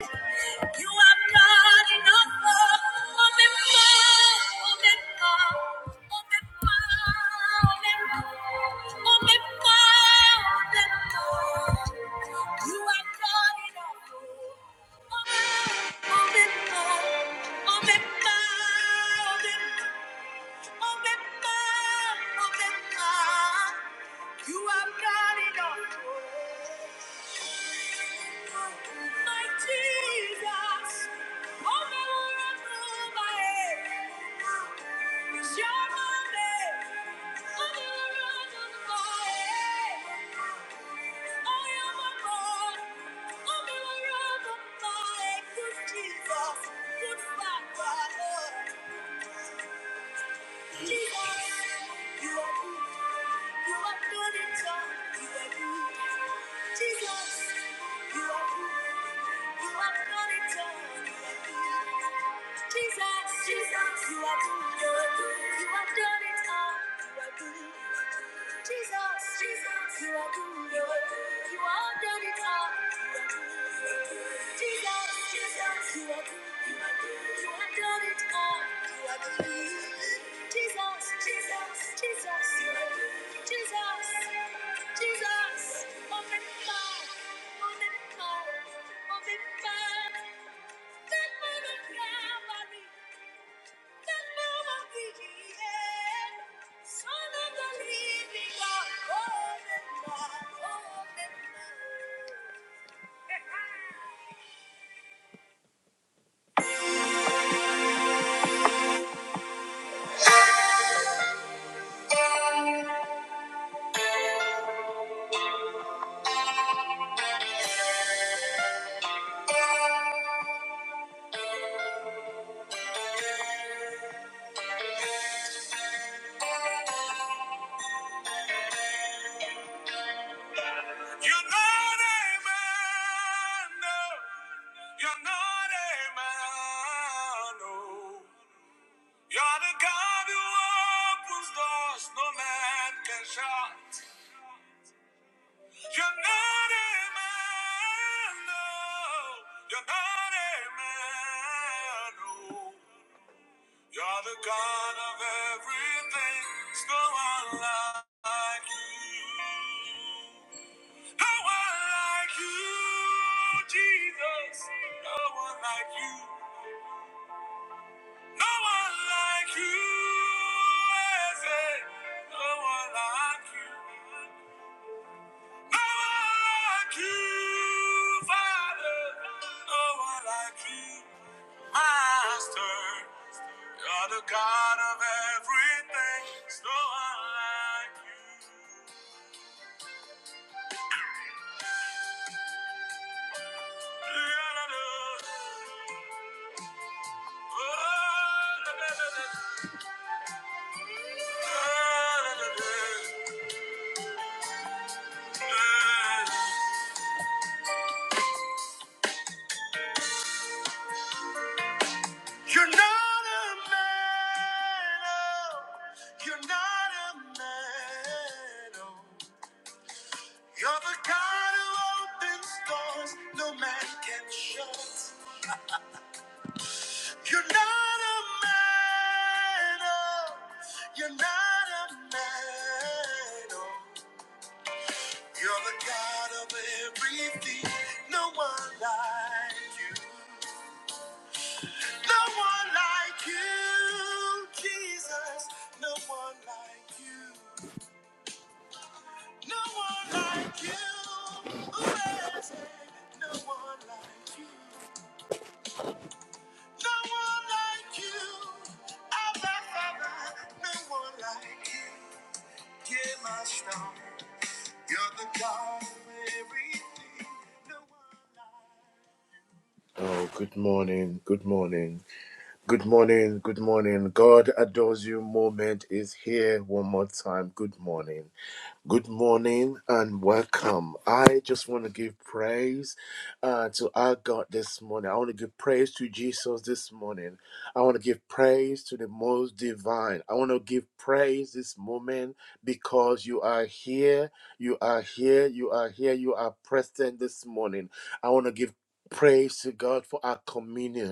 You have done enough me, oh me, oh me, oh me, oh me, oh me. You me, oh oh oh oh me. Open up, open up. You have got it all. My Jesus, all that will run through my head is your name. All that will run through my head. Oh, you're my God. All that will run through my head is Jesus. Good Father. Jesus, you are good. You are good at all good Jesus, Jesus, you are good. You have done it all. You are good. Jesus, Jesus, you are good. You have done it all. You are good. Jesus, Jesus, you are good. You have done it all. You are good. Jesus, Jesus, Jesus, you are good. Jesus. Jesus, moment God, moment God, moment God, that moment Calvary, that moment the end. Son of the living God, moment God, moment God. You're not a man, no. You're not a man, no. You're the God who opens doors no man can shut. You're not a man, no. You're not a man, no. You're the God of everything. There's no one like you. No one like you, Jesus. No one like you. No one like you, Eze. No one like you. like you, Father. No one like you, Master. You're the God of everything. There's no one like you. You're not a man, oh. You're not a man, oh. You're the God who opens doors no man can shut. You're not a man, oh. You're not a man, oh. You're the God of everything. No one like you. No one like you, Jesus. No one like you. No one like you. Oh, there's no one like you. No one like you. Abba, Father, no one like you. You're my star. You're the God of everything. No one like you. Oh, good morning, good morning, good morning, good morning. God adores you moment is here one more time. Good morning. Good morning and welcome. I just want to give praise uh, to our God this morning. I want to give praise to Jesus this morning. I want to give praise to the most divine. I want to give praise this moment because you are here. You are here. You are here. You are present this morning. I want to give praise to God for our communion.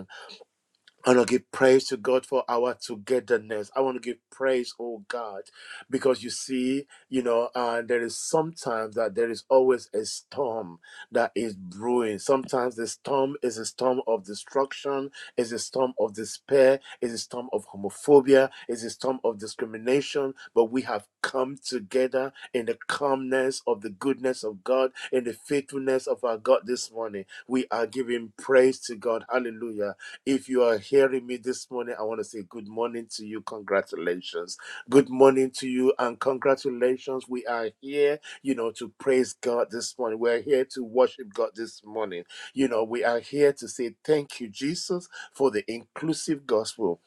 I want to give praise to God for our togetherness. I want to give praise, oh God, because you see, you know, uh, there is sometimes that there is always a storm that is brewing. Sometimes the storm is a storm of destruction, is a storm of despair, is a storm of homophobia, is a storm of discrimination. But we have come together in the calmness of the goodness of God, in the faithfulness of our God this morning. We are giving praise to God. Hallelujah. If you are hearing me this morning, I want to say good morning to you. Congratulations. Good morning to you and congratulations. We are here, you know, to praise God this morning. We're here to worship God this morning. You know, we are here to say thank you, Jesus, for the inclusive gospel.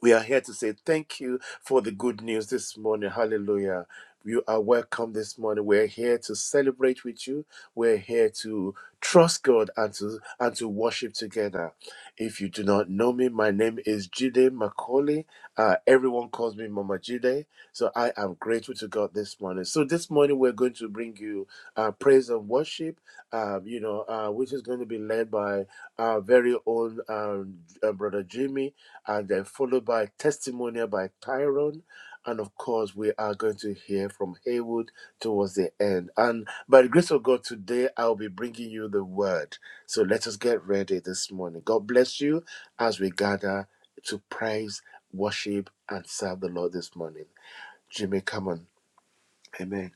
We are here to say thank you for the good news this morning. Hallelujah. You are welcome this morning. We're here to celebrate with you. We're here to trust God and to and to worship together. If you do not know me, my name is Jide Macaulay. Uh, everyone calls me Mama Jide. So I am grateful to God this morning. So this morning we're going to bring you uh, praise and worship. Uh, you know, uh, which is going to be led by our very own um, uh, brother Jimmy and then followed by testimonial by Tyrone. And of course, we are going to hear from Haywood towards the end. And by the grace of God, today I'll be bringing you the word. So let us get ready this morning. God bless you as we gather to praise, worship, and serve the Lord this morning. Jimmy, come on. Amen.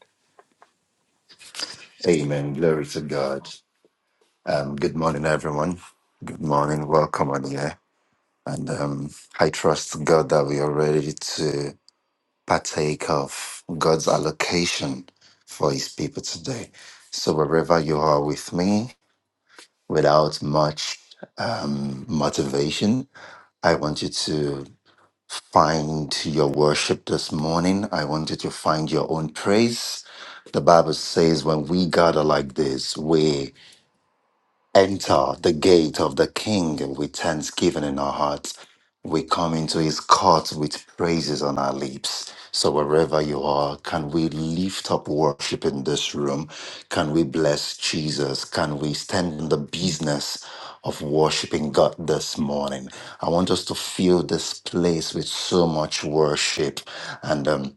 Amen. Glory to God. Um, good morning, everyone. Good morning. Welcome on here. And um, I trust God that we are ready to partake of God's allocation for His people today. So, wherever you are with me, without much um, motivation, I want you to find your worship this morning. I want you to find your own praise. The Bible says, when we gather like this, we enter the gate of the King with thanksgiving in our hearts. We come into his court with praises on our lips. So, wherever you are, can we lift up worship in this room? Can we bless Jesus? Can we stand in the business of worshiping God this morning? I want us to fill this place with so much worship. And, um,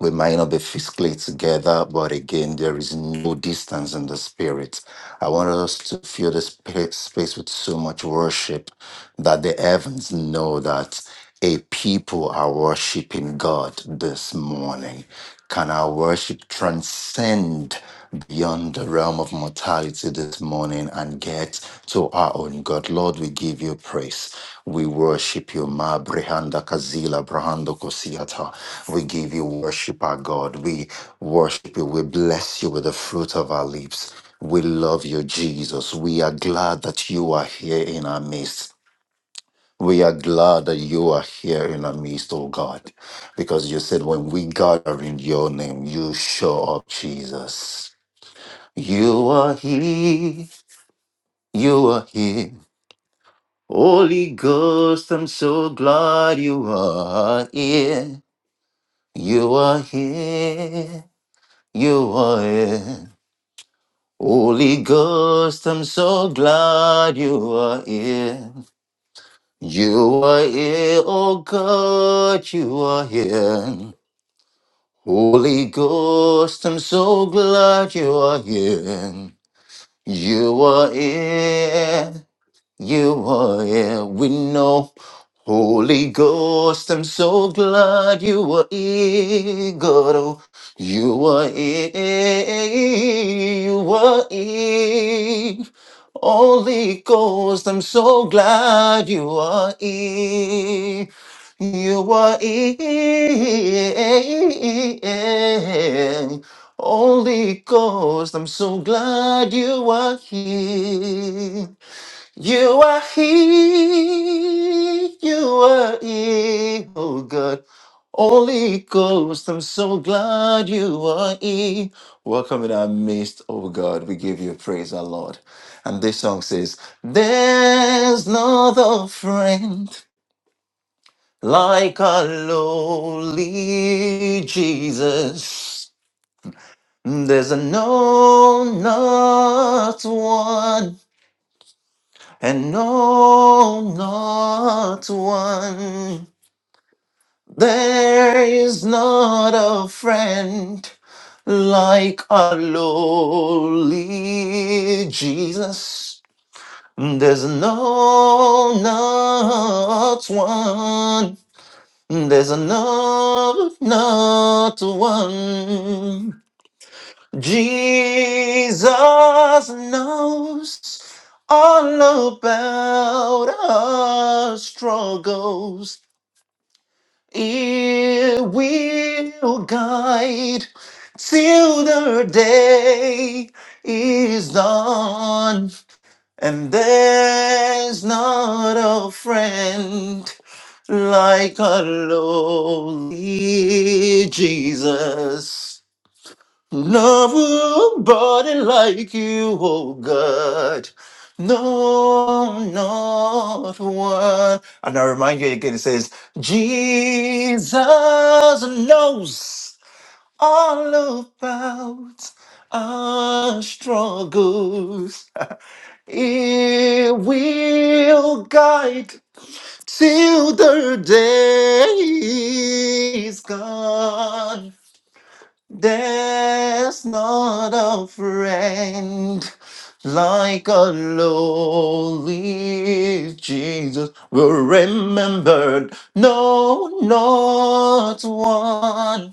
we might not be physically together, but again, there is no distance in the spirit. I want us to fill this spa- space with so much worship that the heavens know that a people are worshiping God this morning. Can our worship transcend? beyond the realm of mortality this morning and get to our own God. Lord, we give you praise. We worship you, Ma Brihanda Kazila Brahando Kosiata. We give you worship, our God. We worship you. We bless you with the fruit of our lips. We love you, Jesus. We are glad that you are here in our midst. We are glad that you are here in our midst, oh God, because you said when we gather in your name, you show up, Jesus. You are here, you are here. Holy Ghost, I'm so glad you are here. You are here, you are here. Holy Ghost, I'm so glad you are here. You are here, oh God, you are here. Holy Ghost, I'm so glad you are here. You are here. You are here, we know. Holy Ghost, I'm so glad you are here, God. Oh, you are here, you are here. Holy Ghost, I'm so glad you are here. You are here. Holy Ghost, I'm so glad you are here. You are He, you are He, oh God. Holy Ghost, I'm so glad you are He. Welcome in our midst, oh God. We give you praise, our Lord. And this song says, There's no other friend like our lowly Jesus. There's no not one and no, not one. There is not a friend like our lowly Jesus. There's no, not one. There's no, not one. Jesus knows all about our struggles. It will guide till the day is done. And there's not a friend like a lowly Jesus. Nobody like you, oh God. No, not one. And I remind you again, it says, Jesus knows all about our struggles. He will guide till the day is gone. There's not a friend like a lowly Jesus will remembered. No, not one.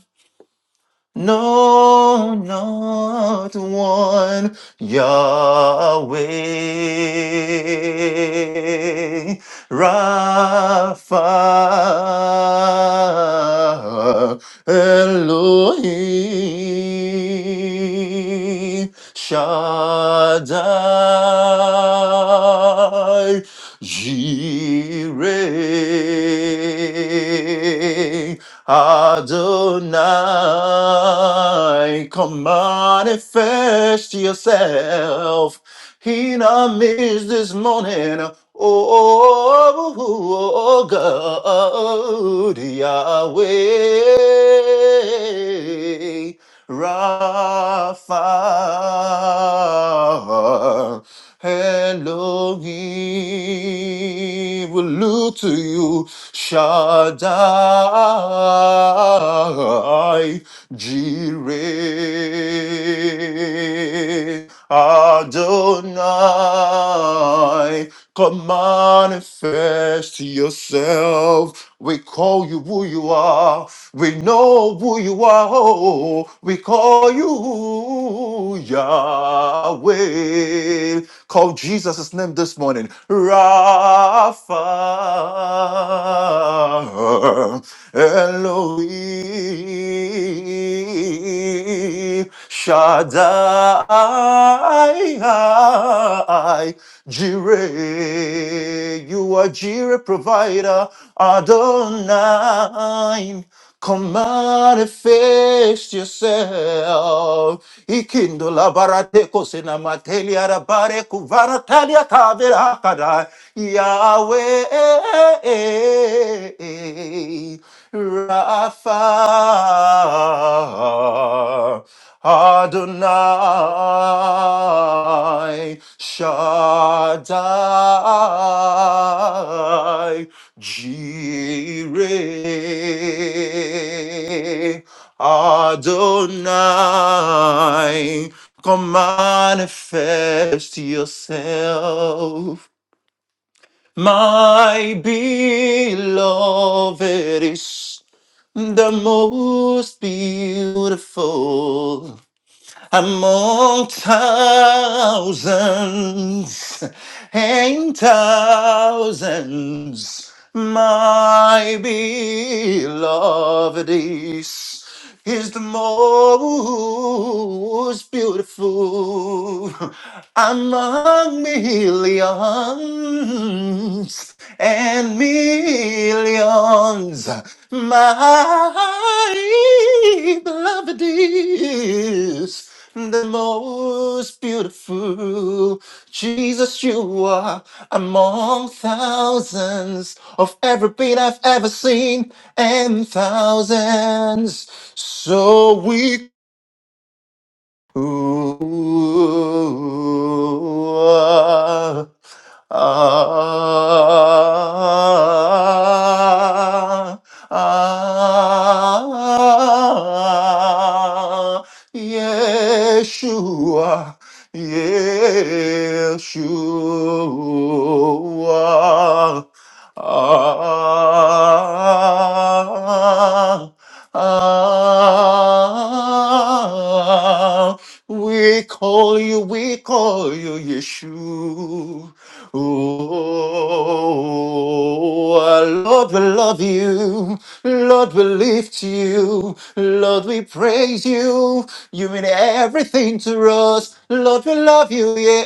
No, not one, Yahweh Rapha Elohim Shaddai Jireh Adonai, come manifest yourself in our midst this morning. Oh, oh, oh, oh, oh, God, Yahweh. Rapha, Elohim, we look to you, Shaddai, Jireh, Adonai, come manifest yourself. We call you who you are. We know who you are. oh. We call you Yahweh. Call Jesus' name this morning. Rapha Elohim Shaddai Jireh. You are Jireh provider. Adonai. Come manifest yourself. Ikindo la barate kosina mateli arabare kuvara talia kavera hakada. Yahweh Rapha. Adonai Shaddai Jireh Adonai come manifest yourself my beloved is the most beautiful among thousands and thousands, my beloved is, is the most beautiful among millions and millions, my beloved is the most beautiful. Jesus, you are among thousands of everything I've ever seen and thousands. So we Ooh, ah, ah, ah, Yeshua, Yeshua, ah, ah, we call you, we call you Yeshua. Oh, Lord, we love you. Lord, we lift you. Lord, we praise you. You mean everything to us. Lord, we love you. Yeah,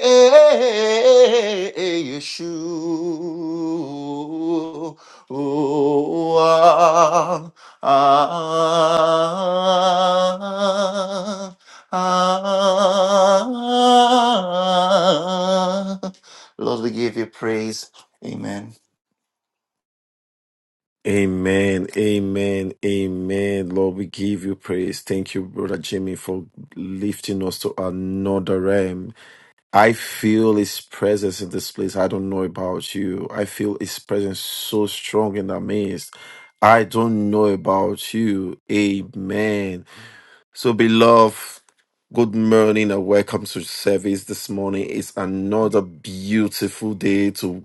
Yeshua. Oh, ah, ah. Ah, Lord, we give you praise. Amen. Amen, amen, amen. Lord, we give you praise. Thank you, Brother Jimmy, for lifting us to another realm. I feel his presence in this place. I don't know about you. I feel his presence so strong in the midst. I don't know about you. Amen. So, beloved, good morning and welcome to service this morning. It's another beautiful day to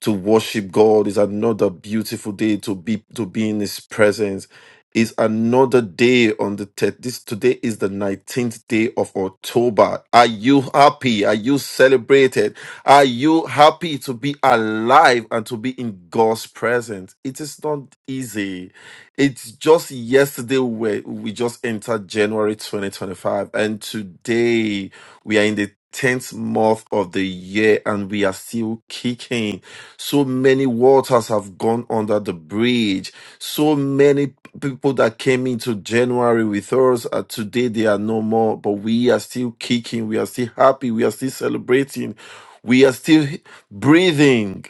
to worship God is another beautiful day to be to be in His presence. Is another day on the te- this today is the nineteenth day of October. Are you happy? Are you celebrated? Are you happy to be alive and to be in God's presence? It is not easy. It's just yesterday where we just entered January 2025, and today we are in the tenth month of the year, and we are still kicking so many waters have gone under the bridge. So many p- people that came into January with us uh, today, they are no more, but we are still kicking. We are still happy. We are still celebrating. We are still h- breathing.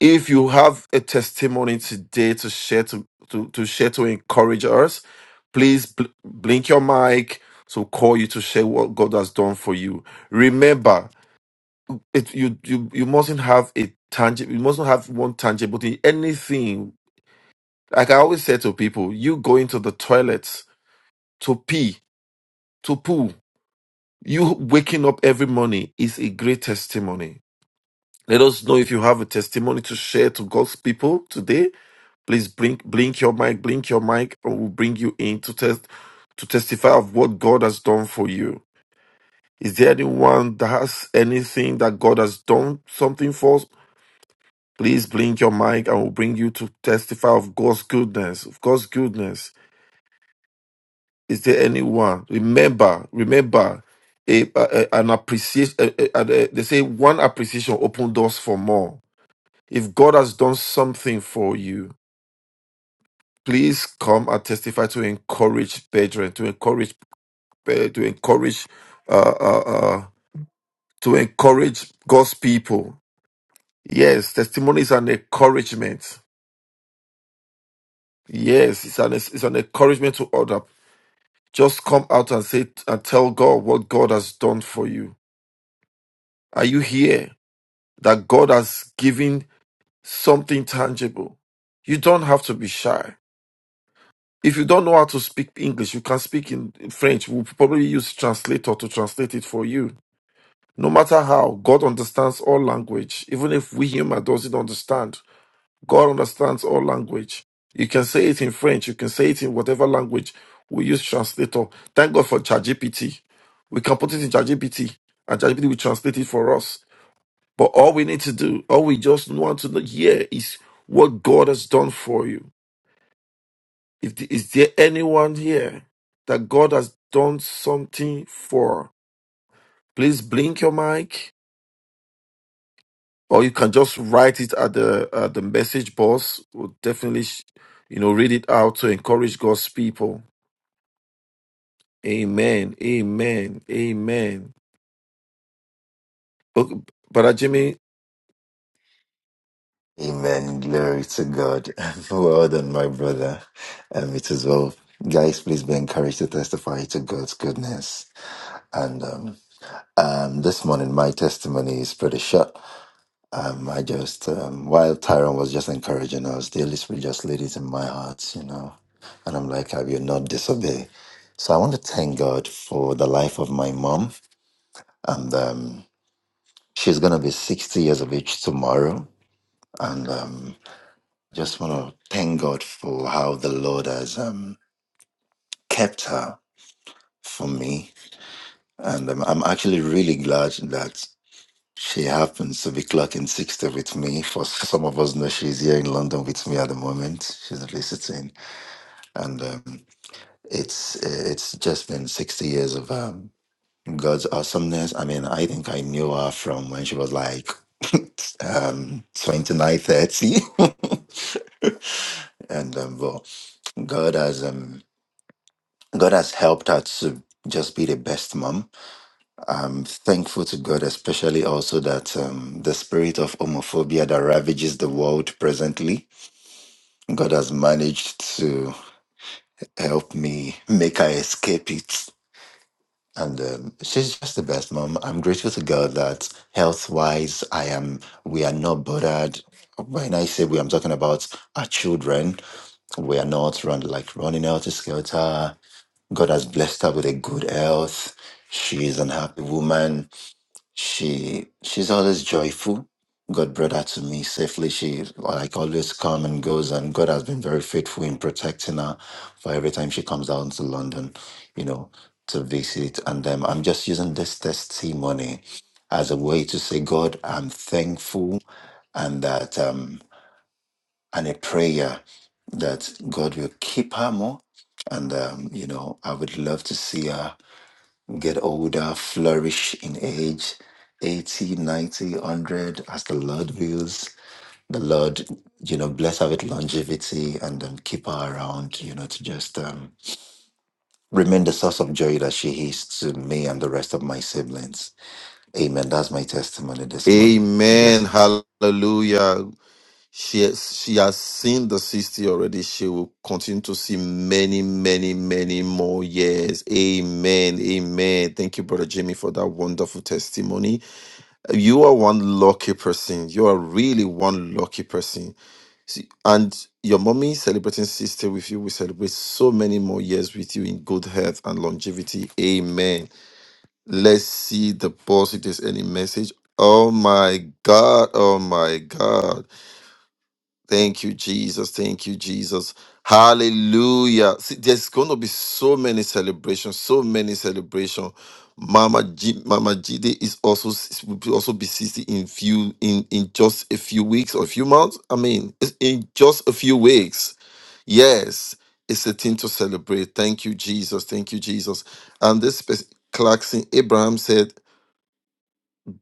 If you have a testimony today to share to, to, to share to encourage us, please bl- blink your mic. So call you to share what God has done for you. Remember, it you you you mustn't have a tangible you mustn't have one tangible thing anything like i always say to people you going to the toilets to pee to poo you waking up every morning is a great testimony let us know if you have a testimony to share to god's people today please blink blink your mic blink your mic and we'll bring you in to test to testify of what god has done for you is there anyone that has anything that god has done something for Please blink your mic and we'll bring you to testify of God's goodness. Of God's goodness. Is there anyone? Remember, remember, a, a- a- an appreciation. a- a- a- they say one appreciation open doors for more. If God has done something for you, please come and testify to encourage brethren, to encourage, eh, to encourage, uh, uh, uh, to encourage God's people. Yes, testimony is an encouragement. Yes, it's an it's an encouragement to others Just come out and say and tell God what God has done for you. Are you here? That God has given something tangible. You don't have to be shy. If you don't know how to speak English, you can speak in in French. We'll probably use translator to translate it for you. No matter how, God understands all language, even if we human doesn't understand. God understands all language. You can say it in French, you can say it in whatever language. We use translator. Thank God for ChatGPT. We can put it in ChatGPT and ChatGPT will translate it for us. But all we need to do, all we just want to know here is what God has done for you. If the, is there anyone here that God has done something for? Please blink your mic or you can just write it at the at the message box. We'll definitely, sh- you know, read it out to encourage God's people. Amen. Amen. Amen. Okay, Brother Jimmy. Amen. Glory to God. Well done, my brother. Um, it is well. Guys, please be encouraged to testify to God's goodness. And um, um, this morning, my testimony is pretty short. Um, I just, um, while Tyron was just encouraging us, the Holy Spirit just laid it in my heart, you know. And I'm like, I will not disobey. So I want to thank God for the life of my mom. And um, she's going to be 60 years of age tomorrow. And um, just want to thank God for how the Lord has um, kept her for me. And um, I'm actually really glad that. She happens to be clocking 60 with me. For some of us know she's here in London with me at the moment. She's visiting. And um, it's it's just been 60 years of um, God's awesomeness. I mean, I think I knew her from when she was like um, 29, thirty. and um, well, God has um, God has helped her to just be the best mom I'm thankful to God, especially also that um, the spirit of homophobia that ravages the world presently, God has managed to help me make her escape it. And um, she's just the best mom. I'm grateful to God that health wise, I am. We are not bothered. When I say we, I'm talking about our children. We are not run like running out of skelter. God has blessed her with a good health. She is an happy woman She she's always joyful. God brought her to me safely. She like always come and goes, and God has been very faithful in protecting her for every time she comes down to London, you know, to visit. And um, I'm just using this testimony as a way to say, God, I'm thankful, and that um, and a prayer that God will keep her more. And um, you know, I would love to see her get older, flourish in age, 80, ninety, one hundred, as the Lord wills. The Lord, you know, bless her with longevity and um, keep her around, you know, to just um, remain the source of joy that she is to me and the rest of my siblings. Amen. That's my testimony this morning. Amen. Blessings. Hallelujah. She has, she has seen the 60 already. She will continue to see many, many, many more years. Amen. Amen. Thank you, Brother Jimmy, for that wonderful testimony. You are one lucky person. You are really one lucky person See, and your mommy celebrating sister with you will celebrate so many more years with you in good health and longevity. Amen. Let's see the boss if there's any message. Oh my God. Oh my God. Thank you, Jesus. Thank you, Jesus. Hallelujah. See, there's going to be so many celebrations, so many celebrations. Mama G, Mama Jide is also will be- also be 60 in few in in just a few weeks or a few months. I mean, it's in just a few weeks. Yes, it's a thing to celebrate. Thank you, Jesus. Thank you, Jesus. And this person, Clarkson Abraham said.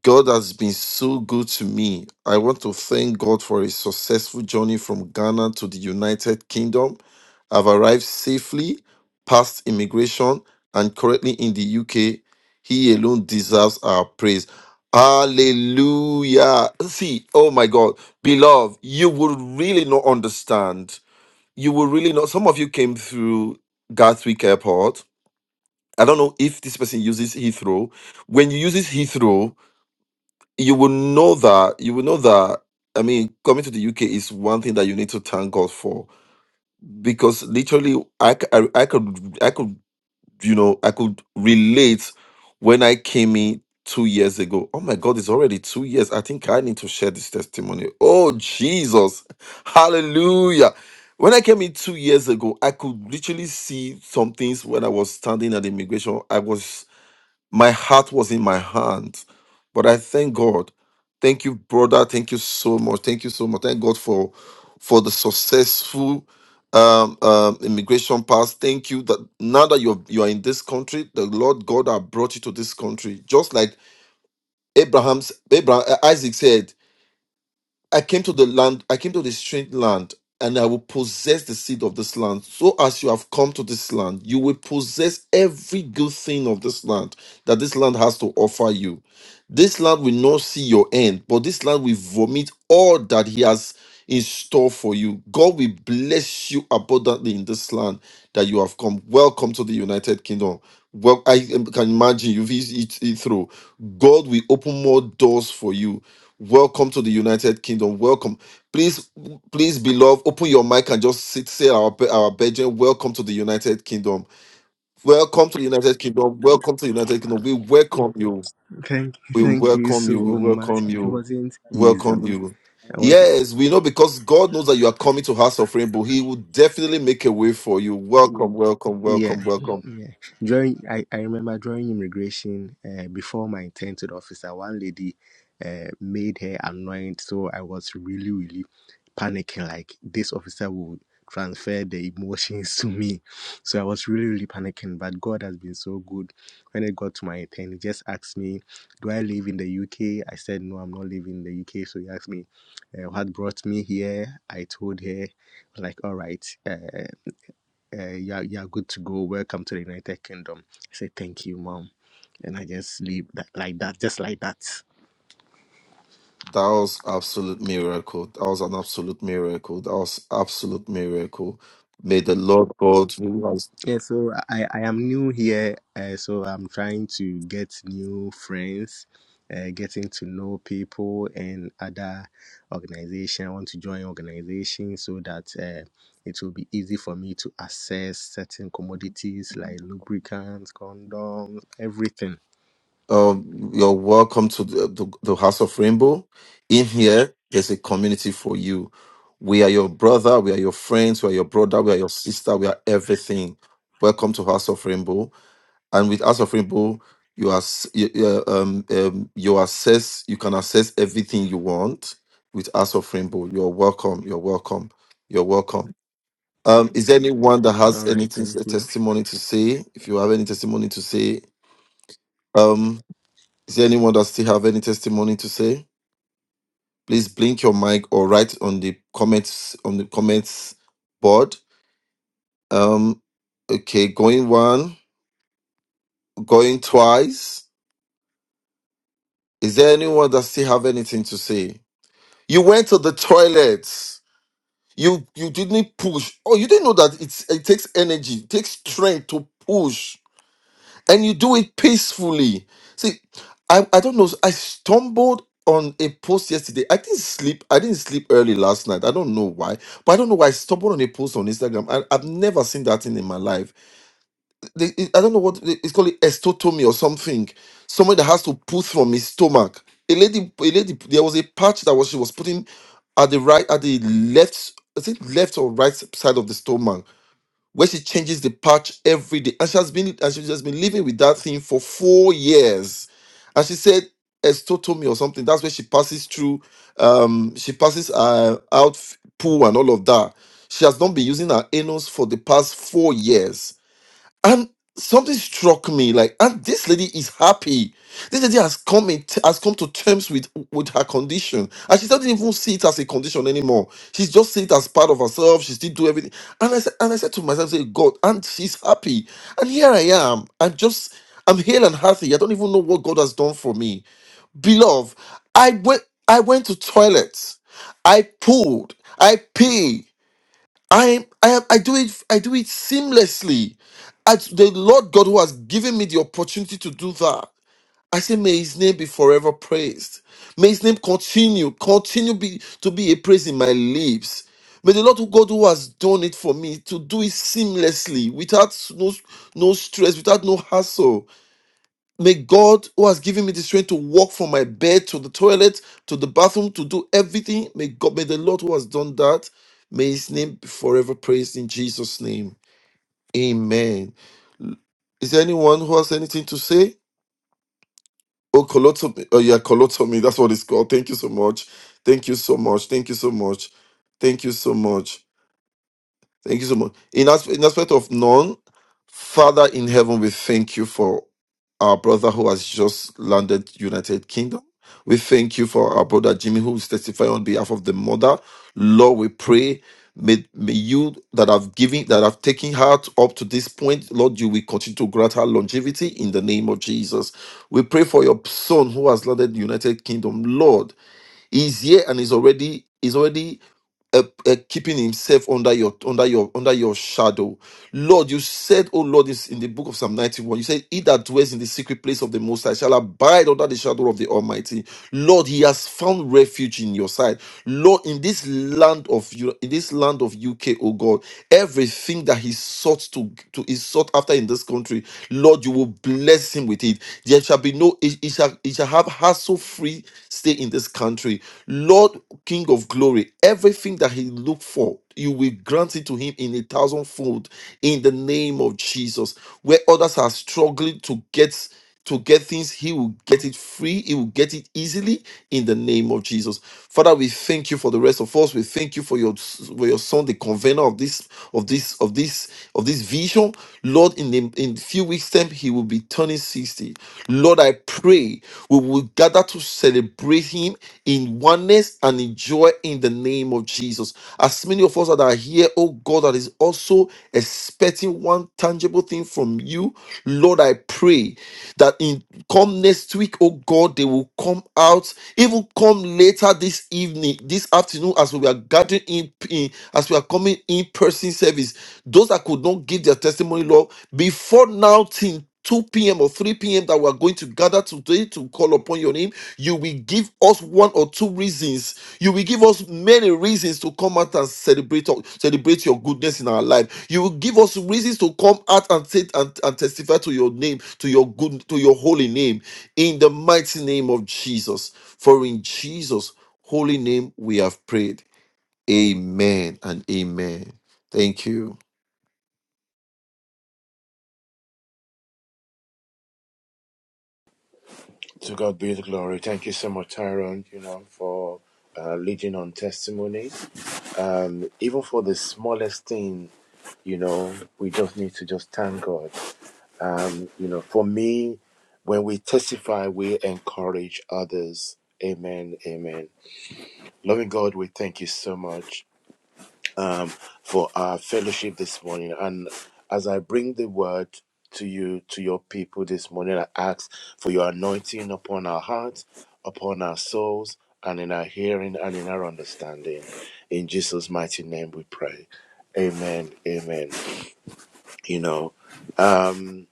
God has been so good to me. I want to thank God for a successful journey from Ghana to the United Kingdom. I've arrived safely, passed immigration, and currently in the UK. He alone deserves our praise. Hallelujah. See, oh my God, beloved, you will really not understand. You will really not. Some of you came through Gatwick Airport. I don't know if this person uses Heathrow. When you use Heathrow, you will know that you will know that i mean coming to the uk is one thing that you need to thank god for because literally i c- i, I could i could you know i could relate when i came in two years ago oh my god it's already two years i think i need to share this testimony oh jesus hallelujah when i came in two years ago i could literally see some things when i was standing at immigration i was my heart was in my hands. But I thank God. Thank you, brother. Thank you so much. Thank you so much. Thank God for for the successful um, um, immigration pass. Thank you that now that you're you are in this country, the Lord God have brought you to this country. Just like Abraham's Abraham uh, Isaac said, I came to the land, I came to the strange land, and I will possess the seed of this land. So as you have come to this land, you will possess every good thing of this land that this land has to offer you. This land will not see your end, but this land will vomit all that he has in store for you. God will bless you abundantly in this land that you have come. Welcome to the United Kingdom. Well, I um, can imagine you've eased it it through. God will open more doors for you Welcome to the United Kingdom. Welcome. Please, please, beloved, open your mic and just sit, say our Be- our Belgian. Welcome to the United Kingdom. Welcome to the United Kingdom. Welcome to the United Kingdom. We welcome you. Thank you, We thank you welcome so you. We welcome. much. welcome It you. Welcome to wasn't United Welcome easy. Kingdom. you. I want Welcome. Yes, we know because God knows that you are coming to House of Rainbow. He will definitely make a way for you. Welcome, welcome, Yeah, welcome, welcome. yeah. During I, I remember during immigration, uh, before my intended officer, one lady uh, made her annoyed. So I was really, really panicking. Like this officer would transfer the emotions to me. So I was really, really panicking. But God has been so good. When I got to my intern, he just asked me, "Do I live in the UK?" I said, "No, I'm not living in the UK." So he asked me, uh, "What brought me here?" I told her, like, "All right." Uh, uh, you're, you're good to go. Welcome to the United Kingdom. I say, thank you, mom. And I just leave that like that, just like that. That was absolute miracle. That was an absolute miracle. That was absolute miracle. May the Lord God Yeah, so I, I am new here. Uh, so I'm trying to get new friends, uh, getting to know people and other organization. I want to join organization so that uh, it will be easy for me to access certain commodities like lubricants, condoms, everything. Um, you're welcome to the, the, the House of Rainbow. In here, there's a community for you. We are your brother, we are your friends, we are your brother, we are your sister, we are everything. Welcome to House of Rainbow. And with House of Rainbow, you are s- you, you um, um you access you can access everything you want with House of Rainbow. You're welcome. You're welcome. You're welcome. Um, is there anyone that All has right, anything thank a you. testimony to say? If you have any testimony to say, um, is there anyone that still have any testimony to say? Please blink your mic or write on the comments on the comments board. Um, okay, going one, going twice. Is there anyone that still have anything to say? You went to the toilets. You you didn't push. Oh, you didn't know that it's it takes energy, it takes strength to push. and you do it peacefully. See, I, I don't know. I stumbled on a post yesterday. I didn't sleep. I didn't sleep early last night. I don't know why, but I don't know why I stumbled on a post on Instagram. I, I've never seen that thing in my life. They, it- I don't know what they- it's called, estotomy or something. Someone that has to put from his stomach. A lady, a lady. There was a patch that was she was putting at the right, at the left. I think left or right side of the stomach where she changes the patch every day. And she has been and she has been living with that thing for four years. And she said estotomy or something. That's where she passes through. Um, she passes uh, out f- poo and all of that. She has not been using her anus for the past four years and something struck me, like, and this lady is happy. This lady has come in, has come to terms with with her condition, and she doesn't even see it as a condition anymore. She's just see it as part of herself. She still do everything. And I said, and I said to myself, say, God, and she's happy. And here I am. I'm just, I'm hale and healthy. I don't even know what God has done for me beloved i went i went to toilet i pulled i peed I I I do it I do it seamlessly. As the Lord God who has given me the opportunity to do that, I say may his name be forever praised. May his name continue, continue be, to be a praise in my lips. May the Lord God who has done it for me to do it seamlessly, without no, no stress, without no hassle. May God, who has given me the strength to walk from my bed to the toilet to the bathroom to do everything, may God, may the Lord who has done that, may His name be forever praised in Jesus' name. Amen. Is there anyone who has anything to say? Oh, colotomy. Oh, yeah, colotomy. That's what it's called. Thank you so much. Thank you so much. Thank you so much. Thank you so much. Thank you so much. In, as, in aspect of none, Father in heaven, we thank you for our brother who has just landed United Kingdom. We thank you for our brother Jimmy who is testifying on behalf of the mother. Lord, we pray. May, may you that have given that have taken her up to this point, Lord, you will continue to grant her longevity in the name of Jesus. We pray for your son who has landed United Kingdom. Lord, he's here and is already is already uh, uh, keeping himself under your under your under your shadow. Lord, you said, oh Lord, is in the book of Psalm 91. You said, He that dwells in the secret place of the Most High shall abide under the shadow of the Almighty. Lord, He has found refuge in your side. Lord, in this land of you, in this land of UK, oh God, everything that He sought to to is sought after in this country, Lord, you will bless him with it. There shall be no, he he shall he shall have hassle free stay in this country. Lord, King of glory, everything that he looked for, you will grant it to him in a thousandfold in the name of Jesus. Where others are struggling to get to get things, he will get it free, he will get it easily in the name of Jesus. Father, we thank you for the rest of us. We thank you for your for your son, the convener of this of this of this of this vision. Lord, in the, in few weeks wisdom, he will be turning 60. Lord, I pray we will gather to celebrate him in oneness and in joy in the name of Jesus. As many of us that are here, oh God, that is also expecting one tangible thing from you, Lord, I pray that in come next week, oh God, they will come out, even come later this evening, this afternoon, as we are gathering gathering in, in as we are coming in person service, those that could not give their testimony, Lord, before now till 2 p.m. or 3 p.m. that we are going to gather today to call upon your name, you will give us one or two reasons. You will give us many reasons to come out and celebrate celebrate your goodness in our life. You will give us reasons to come out and, say- and, and testify to your name, to your good, to your holy name, in the mighty name of Jesus. For in Jesus' holy name we have prayed. Amen and amen. Thank you. To God be the glory. Thank you so much, Tyrone, you know, for uh, leading on testimony. um, even for the smallest thing, you know, we just need to just thank God. Um, you know, for me, when we testify, we encourage others. Amen. Amen. Loving God, we thank you so much um, for our fellowship this morning. And as I bring the word to you, to your people this morning, I ask for your anointing upon our hearts, upon our souls, and in our hearing and in our understanding. In Jesus' mighty name we pray. Amen. Amen. You know, um,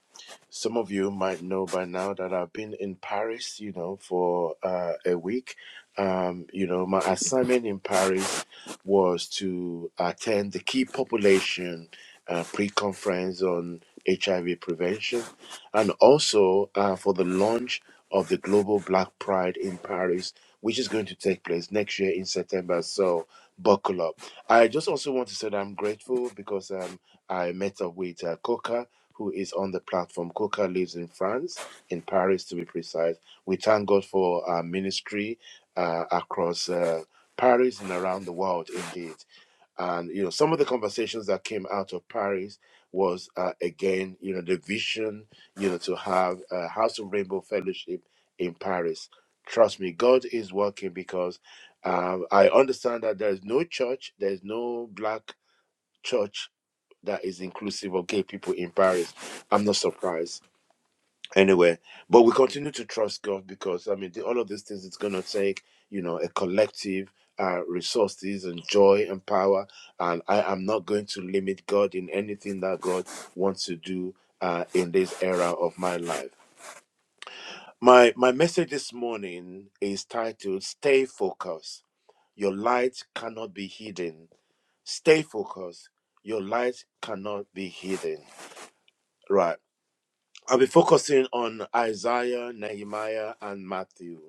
some of you might know by now that I've been in Paris, you know, for uh, a week. Um, you know, my assignment in Paris was to attend the key population uh, pre conference on HIV prevention and also uh, for the launch of the Global Black Pride in Paris, which is going to take place next year in September. So buckle up. I just also want to say that I'm grateful because. Um, I met up with uh, Coca, who is on the platform. Coca lives in France, in Paris to be precise. We thank God for our ministry uh, across uh, Paris and around the world, indeed. And you know, some of the conversations that came out of Paris was uh, again, you know, the vision, you know, to have a House of Rainbow Fellowship in Paris. Trust me, God is working because um, I understand that there is no church, there is no black church that is inclusive of gay people in Paris. I'm not surprised. Anyway, but we continue to trust God because I mean, the, all of these things it's going to take, you know, a collective uh, resources and joy and power. And I am not going to limit God in anything that God wants to do uh, in this era of my life. My my message this morning is titled "Stay Focused." Your light cannot be hidden. Stay focused. Your light cannot be hidden. Right. I'll be focusing on Isaiah, Nehemiah, and Matthew.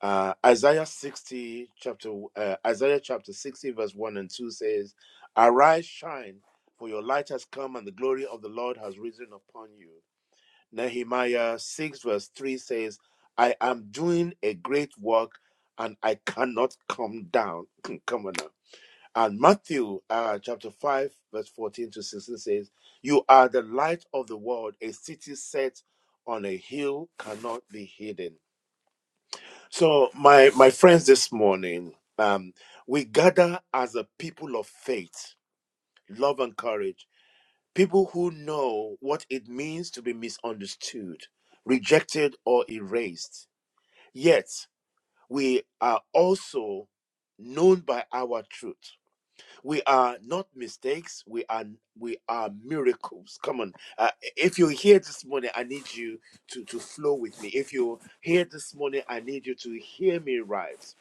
Uh, Isaiah 60, chapter uh, Isaiah chapter 60, verse 1 and 2 says, Arise, shine, for your light has come, and the glory of the Lord has risen upon you. Nehemiah 6, verse 3 says, I am doing a great work and I cannot come down. come on now. And Matthew uh, chapter 5, verse 14 to 16 says, You are the light of the world. A city set on a hill cannot be hidden. So, my, my friends, this morning, um, we gather as a people of faith, love, and courage, people who know what it means to be misunderstood, rejected, or erased. Yet, we are also known by our truth we are not mistakes we are we are miracles come on uh, if you're here this morning i need you to to flow with me if you're here this morning i need you to hear me right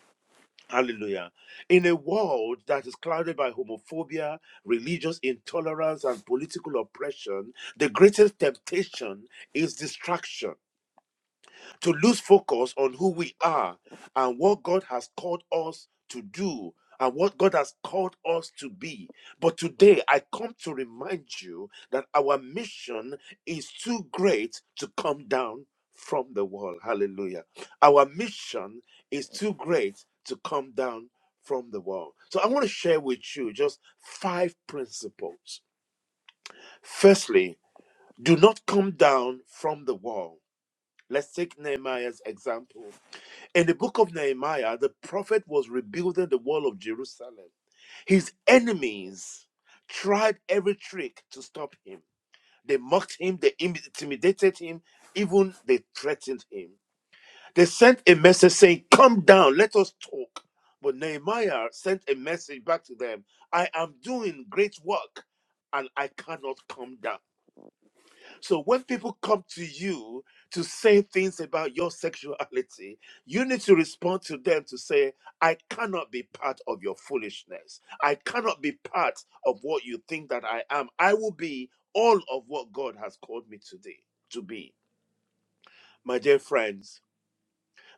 Hallelujah. In a world that is clouded by homophobia, religious intolerance, and political oppression, the greatest temptation is distraction to lose focus on who we are and what God has called us to do and what God has called us to be. But today, I come to remind you that our mission is too great to come down from the wall. Hallelujah. Our mission is too great to come down from the wall. So I want to share with you just five principles. Firstly, do not come down from the wall. Let's take Nehemiah's example in the book of Nehemiah, the prophet was rebuilding the wall of Jerusalem. His enemies tried every trick to stop him. They mocked him, they intimidated him, even they threatened him. They sent a message saying, Come down, let us talk. But Nehemiah sent a message back to them I am doing great work and I cannot come down. So when people come to you to say things about your sexuality, you need to respond to them to say, I cannot be part of your foolishness. I cannot be part of what you think that I am. I will be all of what God has called me today to be. My dear friends,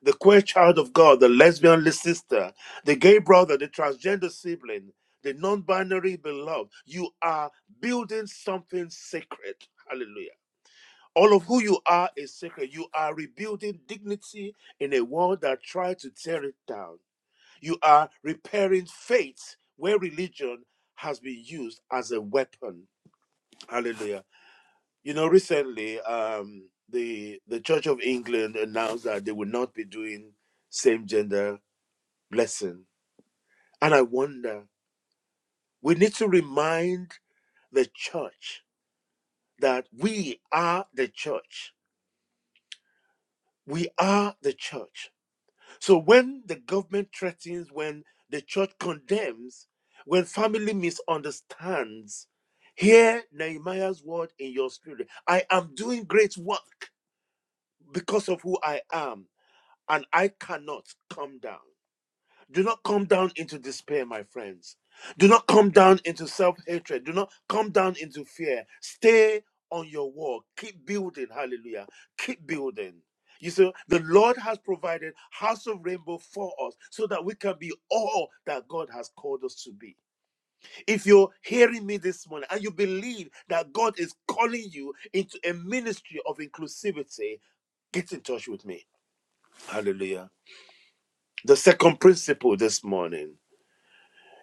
the queer child of God, the lesbian sister, the gay brother, the transgender sibling, the non binary beloved, you are building something sacred. Hallelujah all of who you are is sacred. You are rebuilding dignity in a world that tried to tear it down. You are repairing faith where religion has been used as a weapon. Hallelujah. You know, recently, um, the the Church of England announced that they will not be doing same gender blessing, and I wonder. We need to remind the church that we are the church. We are the church So when the government threatens, when the church condemns, when family misunderstands, hear Nehemiah's word in your spirit. I am doing great work because of who I am, and I cannot come down. Do not come down into despair, my friends. Do not come down into self hatred. Do not come down into fear. Stay on your walk. Keep building. Hallelujah. Keep building. You see, the Lord has provided House of Rainbow for us so that we can be all that God has called us to be. If you're hearing me this morning and you believe that God is calling you into a ministry of inclusivity, get in touch with me. Hallelujah. The second principle this morning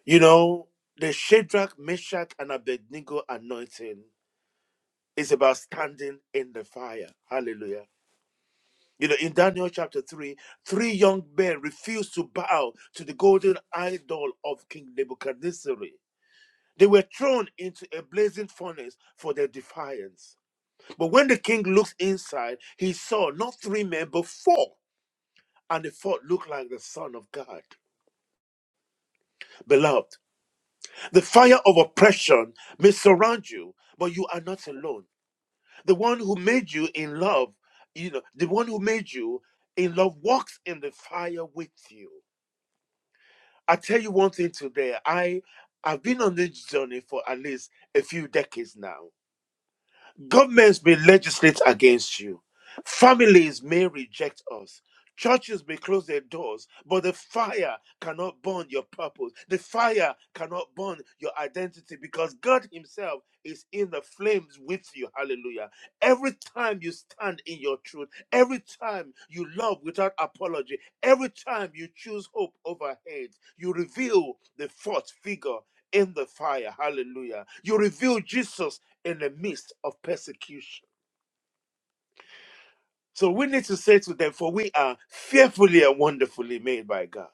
You know, the Shadrach, Meshach, and Abednego anointing is about standing in the fire. Hallelujah. You know, in Daniel chapter 3, three young men refused to bow to the golden idol of King Nebuchadnezzar. They were thrown into a blazing furnace for their defiance. But when the king looked inside, he saw not three men, but four, and the fourth looked like the Son of God. Beloved, the fire of oppression may surround you, but you are not alone. the one who made you in love you know the one who made you in love walks in the fire with you i tell you one thing today i i've been on this journey for at least a few decades now Governments may legislate against you. Families may reject us. Churches may close their doors, but the fire cannot burn your purpose. The fire cannot burn your identity because God Himself is in the flames with you. Hallelujah. Every time you stand in your truth, every time you love without apology, every time you choose hope over hate, you reveal the fourth figure in the fire. Hallelujah. You reveal Jesus in the midst of persecution. So we need to say to them, for we are fearfully and wonderfully made by God.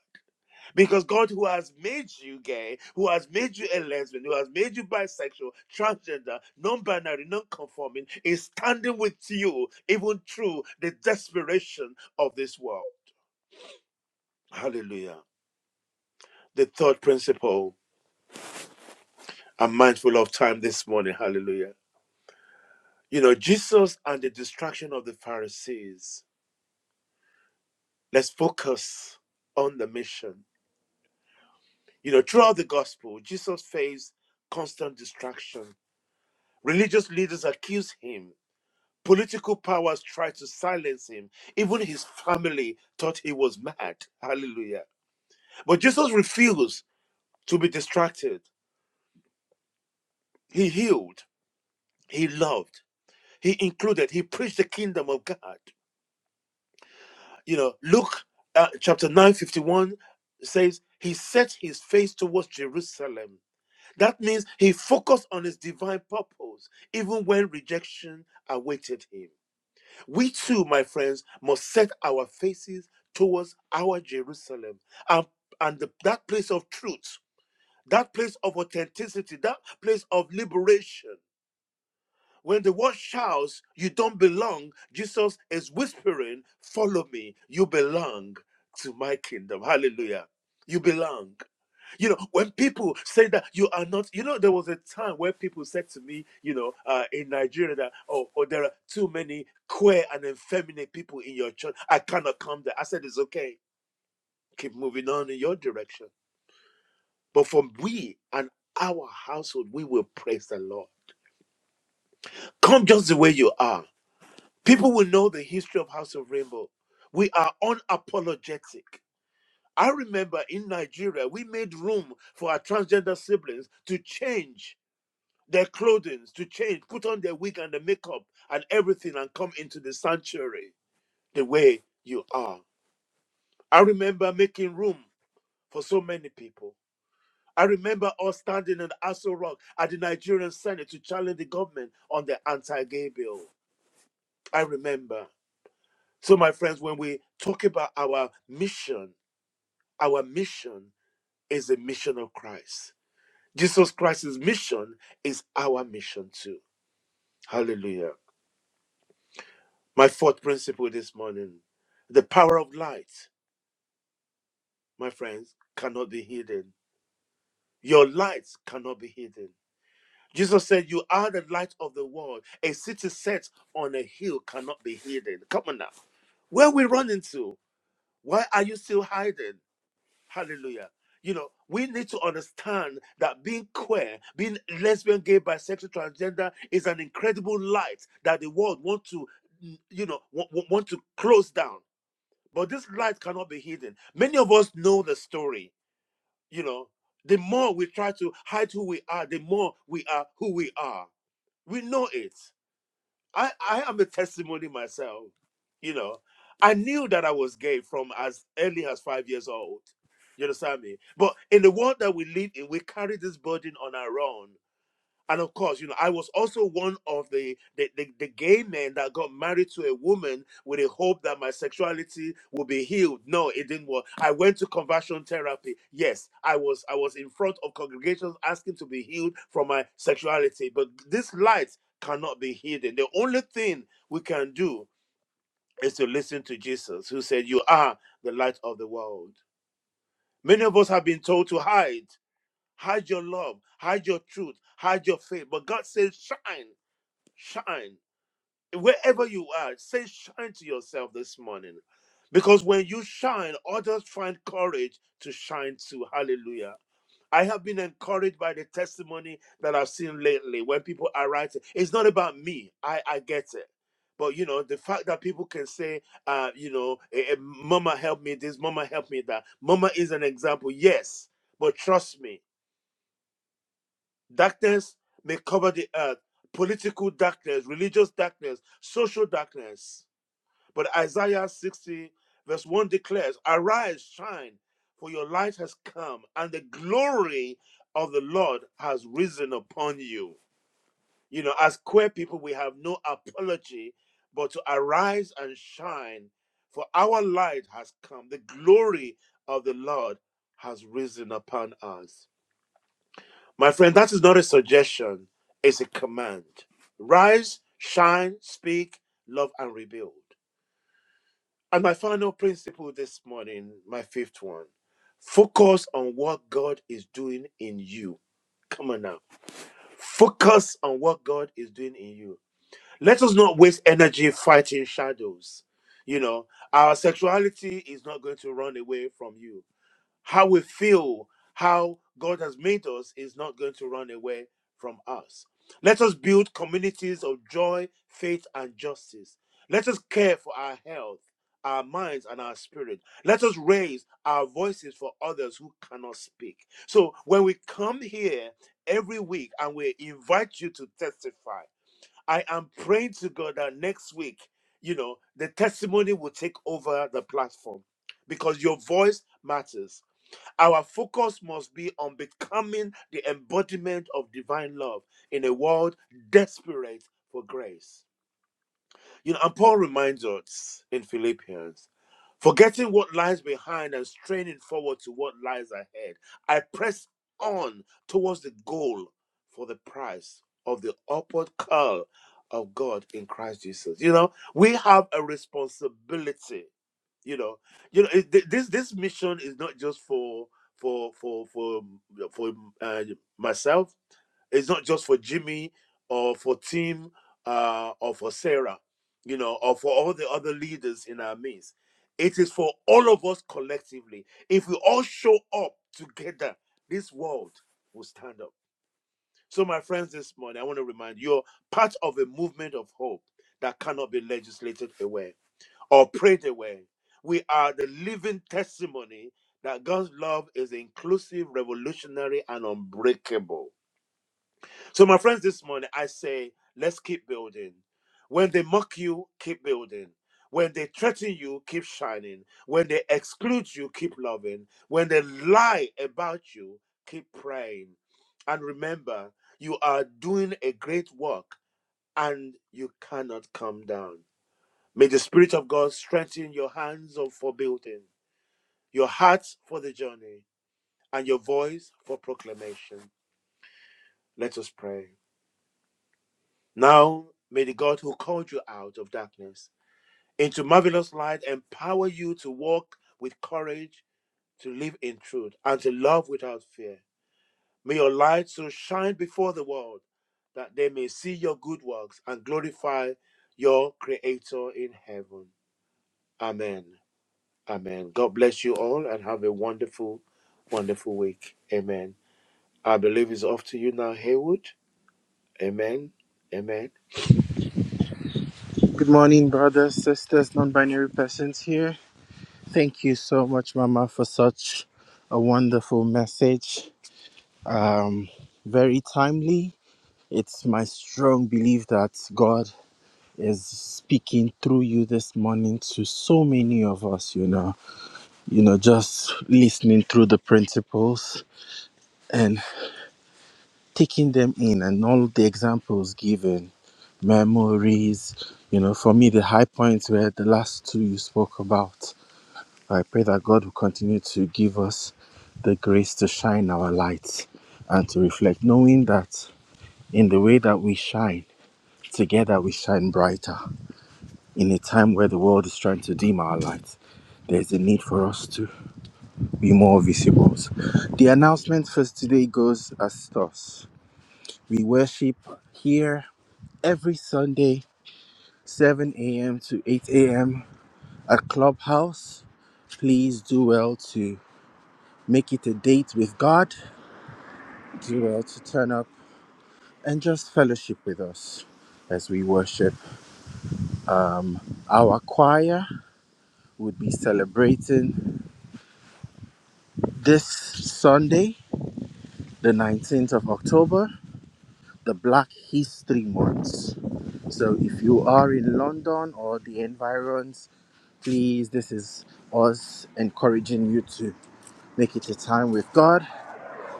Because God, who has made you gay, who has made you a lesbian, who has made you bisexual, transgender, non binary, non conforming, is standing with you even through the desperation of this world. Hallelujah. The third principle, I'm mindful of time this morning. Hallelujah. You know, Jesus and the distraction of the Pharisees. Let's focus on the mission You know, throughout the gospel, Jesus faced constant distraction. Religious leaders accused him. Political powers tried to silence him. Even his family thought he was mad. Hallelujah. But Jesus refused to be distracted. He healed, he loved, he included, he preached the kingdom of God. You know, Luke uh, chapter 9:51 says, He set his face towards Jerusalem That means he focused on his divine purpose even when rejection awaited him. We too, my friends, must set our faces towards our Jerusalem and, and the- that place of truth, that place of authenticity, that place of liberation. When the world shouts, You don't belong, Jesus is whispering, Follow me, you belong to my kingdom. Hallelujah. You belong you know when people say that you are not you know there was a time where people said to me you know uh, in nigeria that oh, oh there are too many queer and effeminate people in your church i cannot come there i said it's okay keep moving on in your direction but from we and our household we will praise the lord come just the way you are people will know the history of house of rainbow we are unapologetic i remember in nigeria we made room for our transgender siblings to change their clothing to change, put on their wig and the makeup and everything and come into the sanctuary the way you are. I remember making room for so many people. I remember us standing in Aso Rock at the Nigerian Senate to challenge the government on the anti gay bill. I remember. So, my friends, when we talk about our mission, our mission is the mission of Christ. Jesus Christ's mission is our mission too. Hallelujah. My fourth principle this morning the power of light, my friends, cannot be hidden. Your light cannot be hidden. Jesus said, You are the light of the world. A city set on a hill cannot be hidden. Come on now. Where we run into? Why are you still hiding? Hallelujah. You know, we need to understand that being queer, being lesbian, gay, bisexual, transgender is an incredible light that the world want to, you know, want, want to close down But this light cannot be hidden. Many of us know the story. You know, the more we try to hide who we are, the more we are who we are. We know it. I, I am a testimony myself. You know, I knew that I was gay from as early as five years old. You understand me? But in the world that we live in, we carry this burden on our own and of course, you know, I was also one of the the, the the gay men that got married to a woman with a hope that my sexuality would be healed. No, it didn't work. I went to conversion therapy. Yes, I was I was in front of congregations asking to be healed from my sexuality, but this light cannot be hidden. The only thing we can do is to listen to Jesus, who said, "You are the light of the world." Many of us have been told to hide, hide your love, hide your truth, hide your faith, but God says, "Shine." shine wherever you are say shine to yourself this morning because when you shine others find courage to shine too hallelujah I have been encouraged by the testimony that I've seen lately when people are writing. It's not about me. I, I get it. But, you know, the fact that people can say, uh, you know, eh, eh, mama help me this, mama help me that. Mama is an example. Yes. But trust me. Darkness may cover the earth, political darkness, religious darkness, social darkness. But Isaiah 60, verse 1 declares, Arise, shine, for your light has come, and the glory of the Lord has risen upon you. You know, as queer people, we have no apology but to arise and shine, for our light has come. The glory of the Lord has risen upon us. My friend, that is not a suggestion, it's a command. Rise, shine, speak, love, and rebuild. And my final principle this morning, my fifth one, focus on what God is doing in you. Come on now. Focus on what God is doing in you. Let us not waste energy fighting shadows. You know, our sexuality is not going to run away from you. How we feel, how God has made us is not going to run away from us. Let us build communities of joy, faith, and justice. Let us care for our health, our minds, and our spirit. Let us raise our voices for others who cannot speak. So when we come here every week and we invite you to testify, I am praying to God that next week, you know, the testimony will take over the platform because your voice matters our focus must be on becoming the embodiment of divine love in a world desperate for grace. You know, and Paul reminds us in Philippians Forgetting what lies behind and straining forward to what lies ahead, I press on towards the goal for the prize of the upward call of God in Christ Jesus. You know, we have a responsibility. You know, you know it- th- this this mission is not just for for for for for uh, myself it's not just for Jimmy or for Tim uh, or for Sarah, you know, or for all the other leaders in our midst. It is for all of us collectively. If we all show up together, this world will stand up. So, my friends, this morning, I want to remind you you're part of a movement of hope that cannot be legislated away or prayed away. We are the living testimony that God's love is inclusive, revolutionary, and unbreakable. So, my friends, this morning I say, let's keep building. When they mock you, keep building. When they threaten you, keep shining. When they exclude you, keep loving. When they lie about you, keep praying. And remember, you are doing a great work and you cannot come down. May the Spirit of God strengthen your hands for building, your hearts for the journey, and your voice for proclamation. Let us pray. Now, may the God who called you out of darkness into marvelous light empower you to walk with courage, to live in truth, and to love without fear. May your light so shine before the world that they may see your good works and glorify your Creator in heaven. Amen. Amen. God bless you all and have a wonderful, wonderful week. Amen. I believe it's off to you now, Haywood. Amen. Amen. Good morning, brothers, sisters, non binary persons here. Thank you so much, Mama, for such a wonderful message. Um, very timely. It's my strong belief that God is speaking through you this morning to so many of us, you know, you know, just listening through the principles and taking them in and all the examples given, memories, you know, for me, the high points were the last two you spoke about I pray that God will continue to give us the grace to shine our lights and to reflect, knowing that in the way that we shine, together we shine brighter. In a time where the world is trying to dim our lights, there's a need for us to be more visible. The announcement for today goes as thus We worship here every Sunday, 7 a.m. to 8 a.m. at Clubhouse please do well to make it a date with God do well to turn up and just fellowship with us as we worship. Our choir would be celebrating this Sunday, the 19th of October, the Black History Month. So if you are in London or the environs, please, this is us encouraging you to make it a time with God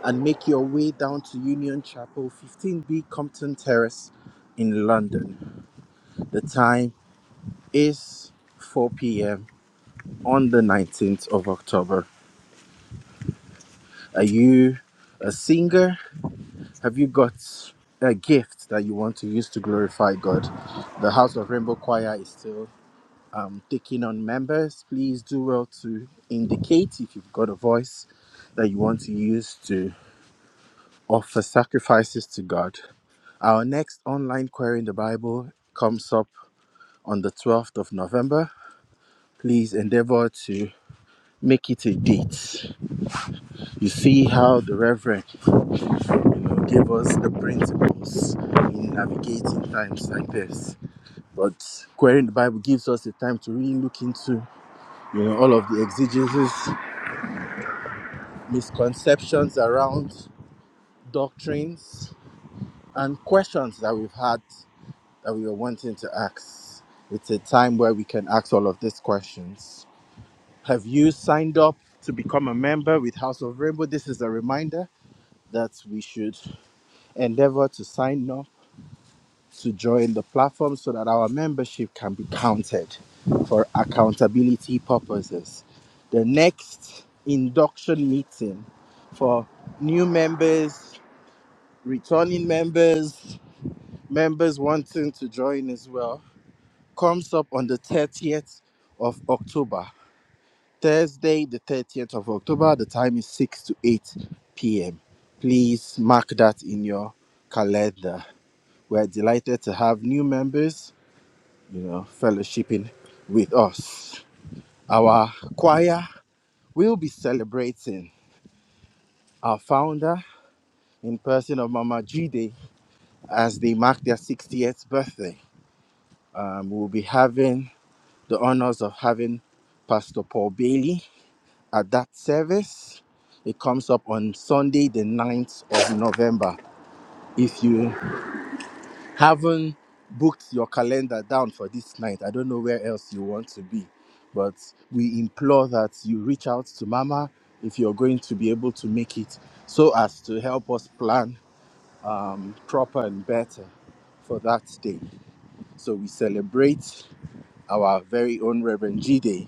and make your way down to Union Chapel, 15B Compton Terrace in London. The time is 4 p.m on the 19th of October. Are you a singer? Have you got a gift that you want to use to glorify God? The House of Rainbow Choir is still um, taking on members. Please do well to indicate if you've got a voice that you want to use to offer sacrifices to God. Our next online query in the Bible comes up on the 12th of November. Please endeavor to make it a date. You see how the Reverend you know, gave us the principles in navigating times like this. But querying the Bible gives us the time to really look into, you know, all of the exegesis, misconceptions around doctrines, and questions that we've had that we were wanting to ask. It's a time where we can ask all of these questions. Have you signed up to become a member with House of Rainbow? This is a reminder that we should endeavor to sign up to join the platform so that our membership can be counted for accountability purposes. The next induction meeting for new members, returning members, members wanting to join as well comes up on the 30th of October. Thursday, the 30th of October, the time is 6 to 8 p.m. Please mark that in your calendar. We're delighted to have new members you know, fellowshipping with us. Our choir will be celebrating our founder in person of Mama Jide as they mark their 60th birthday. Um, we'll be having the honors of having Pastor Paul Bailey at that service. It comes up on Sunday, the 9th of November. If you haven't booked your calendar down for this night, I don't know where else you want to be, but we implore that you reach out to Mama if you're going to be able to make it so as to help us plan proper and better for that day. So we celebrate our very own Reverend G Day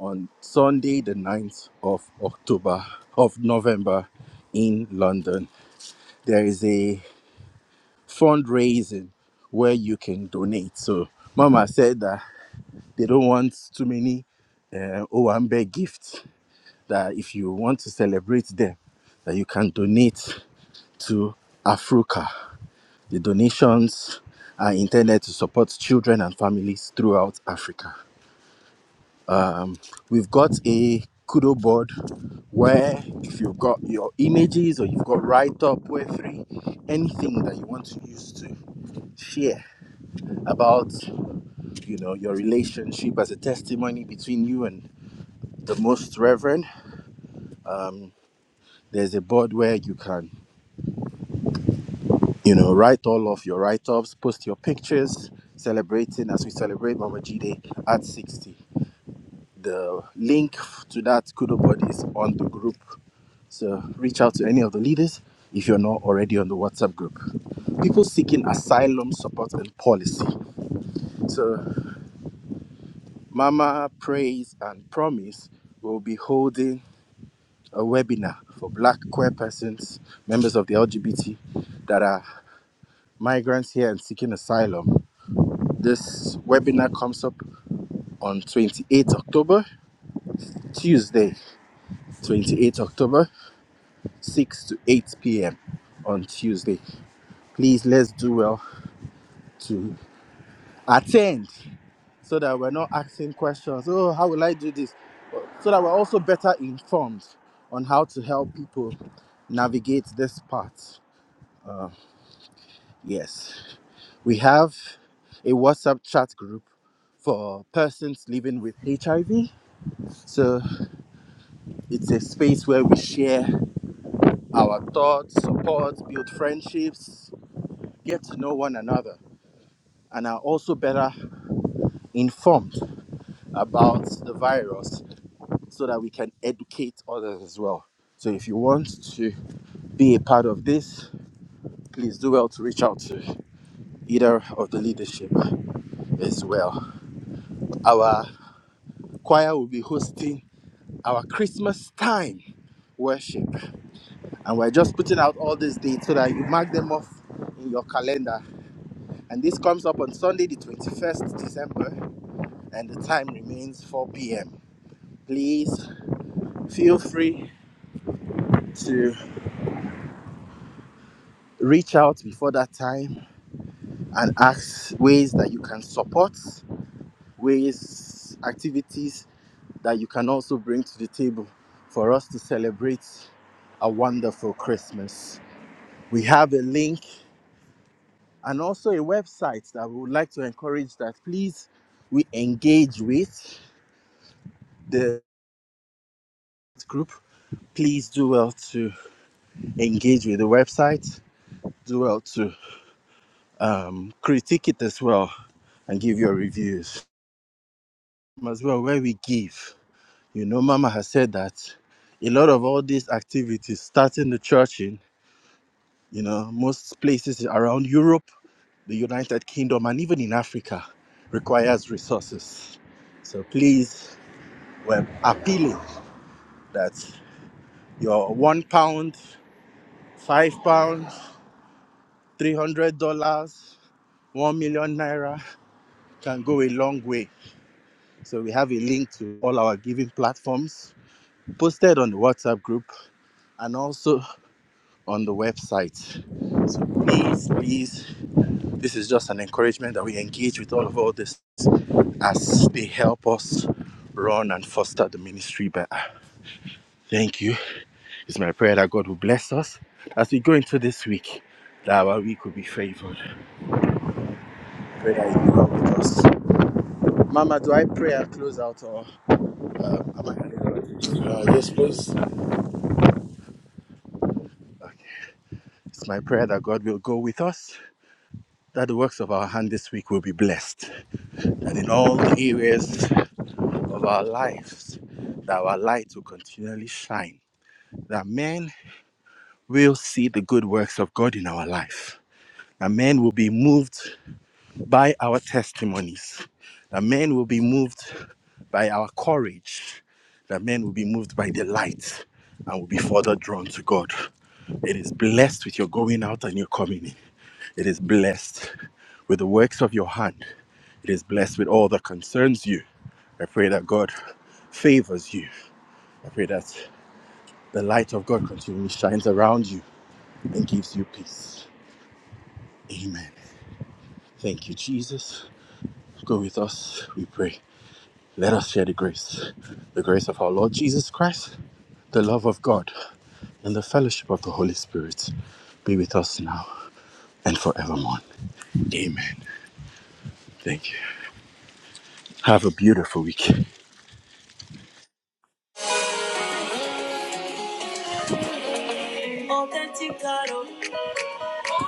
on Sunday, the 9th of October, of November in London. There is a fundraising where you can donate. So Mama said that they don't want too many uh, Owambe gifts. That if you want to celebrate them, that you can donate to Africa. The donations are intended to support children and families throughout Africa. We've got a kudo board where if you've got your images or you've got write up, web three, anything that you want to use to share about you know your relationship as a testimony between you and the most reverend um, there's a board where you can you know write all of your write-ups post your pictures celebrating as we celebrate mama jide at 60 the link to that kudo board is on the group so reach out to any of the leaders if you're not already on the whatsapp group people seeking asylum support and policy so mama praise and promise will be holding a webinar for black queer persons, members of the LGBT that are migrants here and seeking asylum. This webinar comes up on 28 October, Tuesday, 28 October, 6 to 8 p.m. on Tuesday. Please let's do well to attend so that we're not asking questions. Oh, how will I do this? So that we're also better informed on how to help people navigate this path. Yes. We have a WhatsApp chat group for persons living with HIV. So it's a space where we share our thoughts, support, build friendships, get to know one another, and are also better informed about the virus so that we can educate others as well. So if you want to be a part of this, please do well to reach out to either of the leadership as well. Our choir will be hosting our Christmas time worship. And we're just putting out all these dates so that you mark them off in your calendar. And this comes up on Sunday, the 21st December, and the time remains 4 p.m. Please feel free to reach out before that time and ask ways that you can support, ways, activities that you can also bring to the table for us to celebrate a wonderful Christmas. We have a link and also a website that we would like to encourage that please we engage with the group. Please do well to engage with the website. Do well to um, critique it as well and give your reviews as well where we give. You know, Mama has said that a lot of all these activities, starting the church in, you know, most places around Europe, the United Kingdom, and even in Africa, requires resources. So please were appealing that your one pound, five pounds, three hundred dollars, one million naira can go a long way. So we have a link to all our giving platforms posted on the WhatsApp group and also on the website. So please, please, this is just an encouragement that we engage with all of all this as they help us run and foster the ministry better. Thank you. It's my prayer that God will bless us as we go into this week, that our week will be favored. Pray that you are with us. Mama, do I pray and close out or uh, am I handing over to you? Uh, yes, please. It's my prayer that God will go with us, that the works of our hand this week will be blessed, that in all the areas of our lives, that our light will continually shine, that men will see the good works of God in our life, that men will be moved by our testimonies, that men will be moved by our courage, that men will be moved by the light and will be further drawn to God. It is blessed with your going out and your coming in. It is blessed with the works of your hand. It is blessed with all that concerns you. I pray that God favors you. I pray that the light of God continually shines around you and gives you peace. Amen. Thank you, Jesus. Go with us, we pray. Let us share the grace, the grace of our Lord Jesus Christ, the love of God, and the fellowship of the Holy Spirit be with us now and forevermore. Amen. Thank you. Have a beautiful week. Authentic God of I serve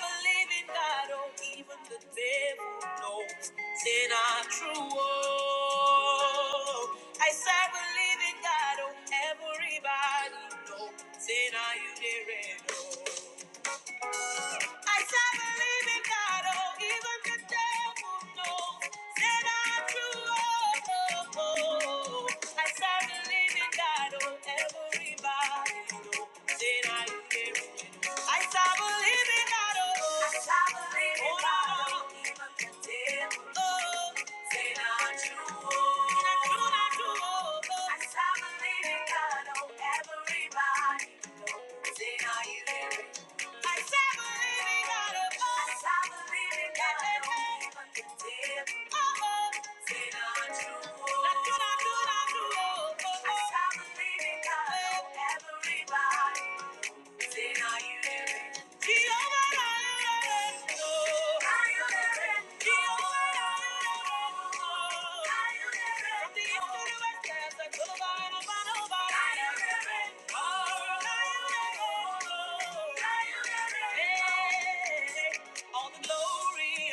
a living God, oh, even the devil knows they're not true. Oh, I serve a living God, oh, everybody knows they're not you, they red. Oh. I shall believing in God, oh, even the devil knows that I'm true. Oh, oh, oh. I shall believing in God, oh, everybody knows that I I shall believing in God, oh. I shall believing in God, oh, even the devil knows that I'm true. oh, Not true, not true, oh, oh. I shall believing in God, oh, everybody knows that I am. I serve a living God I serve a living God above. Oh, oh. All the glory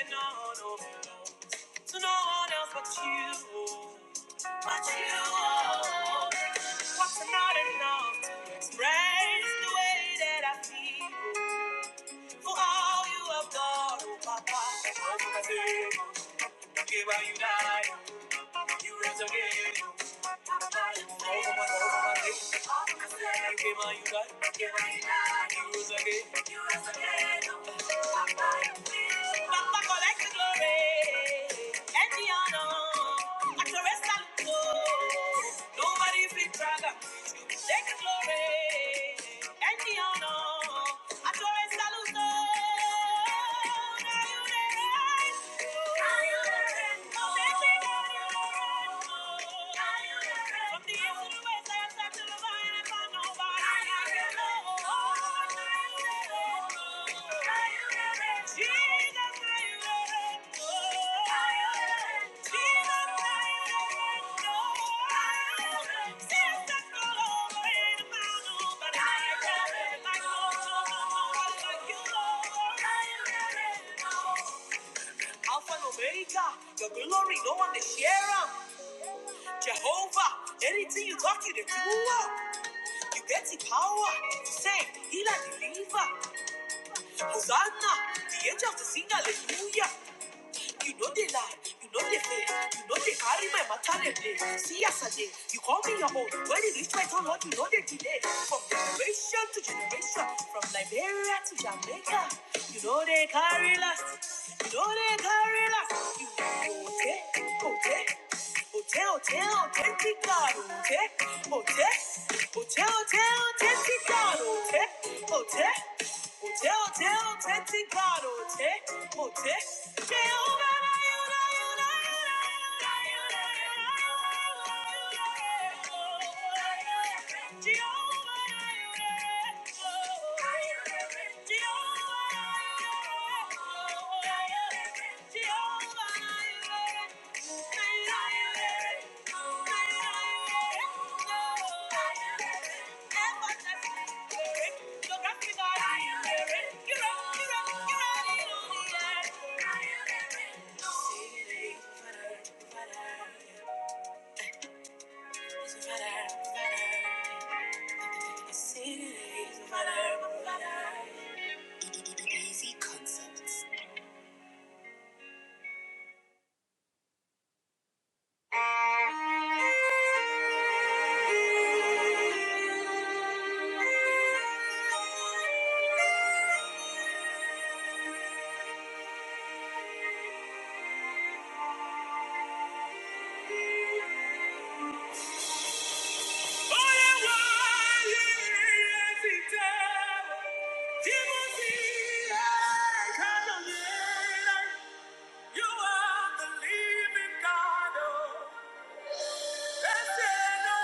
and all the to no one else but you. But you. What's not enough to express the way that I feel. For all you have done, oh Papa. Oh, Papa, say, oh, give how you died. You rose again. Nobody fit brother. Take the glory and the honor. Adore Saluto. From the east to the west, I have to the vine, I found nobody. Are you there? Oh, are you there? Are you there? Jesus, I like you. Alpha and Omega, your glory, no one to share 'em. Jehovah, anything you got, you to do. You get the power to sing. He like the believer. Hosanna. The angel of the singer. Hallelujah. You know they lie, you know they fail, you know they carry my matter they play. See yesterday, you call me your own. When you reach my town, Lord, you know they delay. From generation to generation, from Liberia to Jamaica, you know they carry last, you know they carry last. You know, okay, okay. Hotel, hotel, authentic God, hotel, hotel, hotel, hotel, authentic God, hotel, hotel, Jehovah, Easy concepts. You are the living God.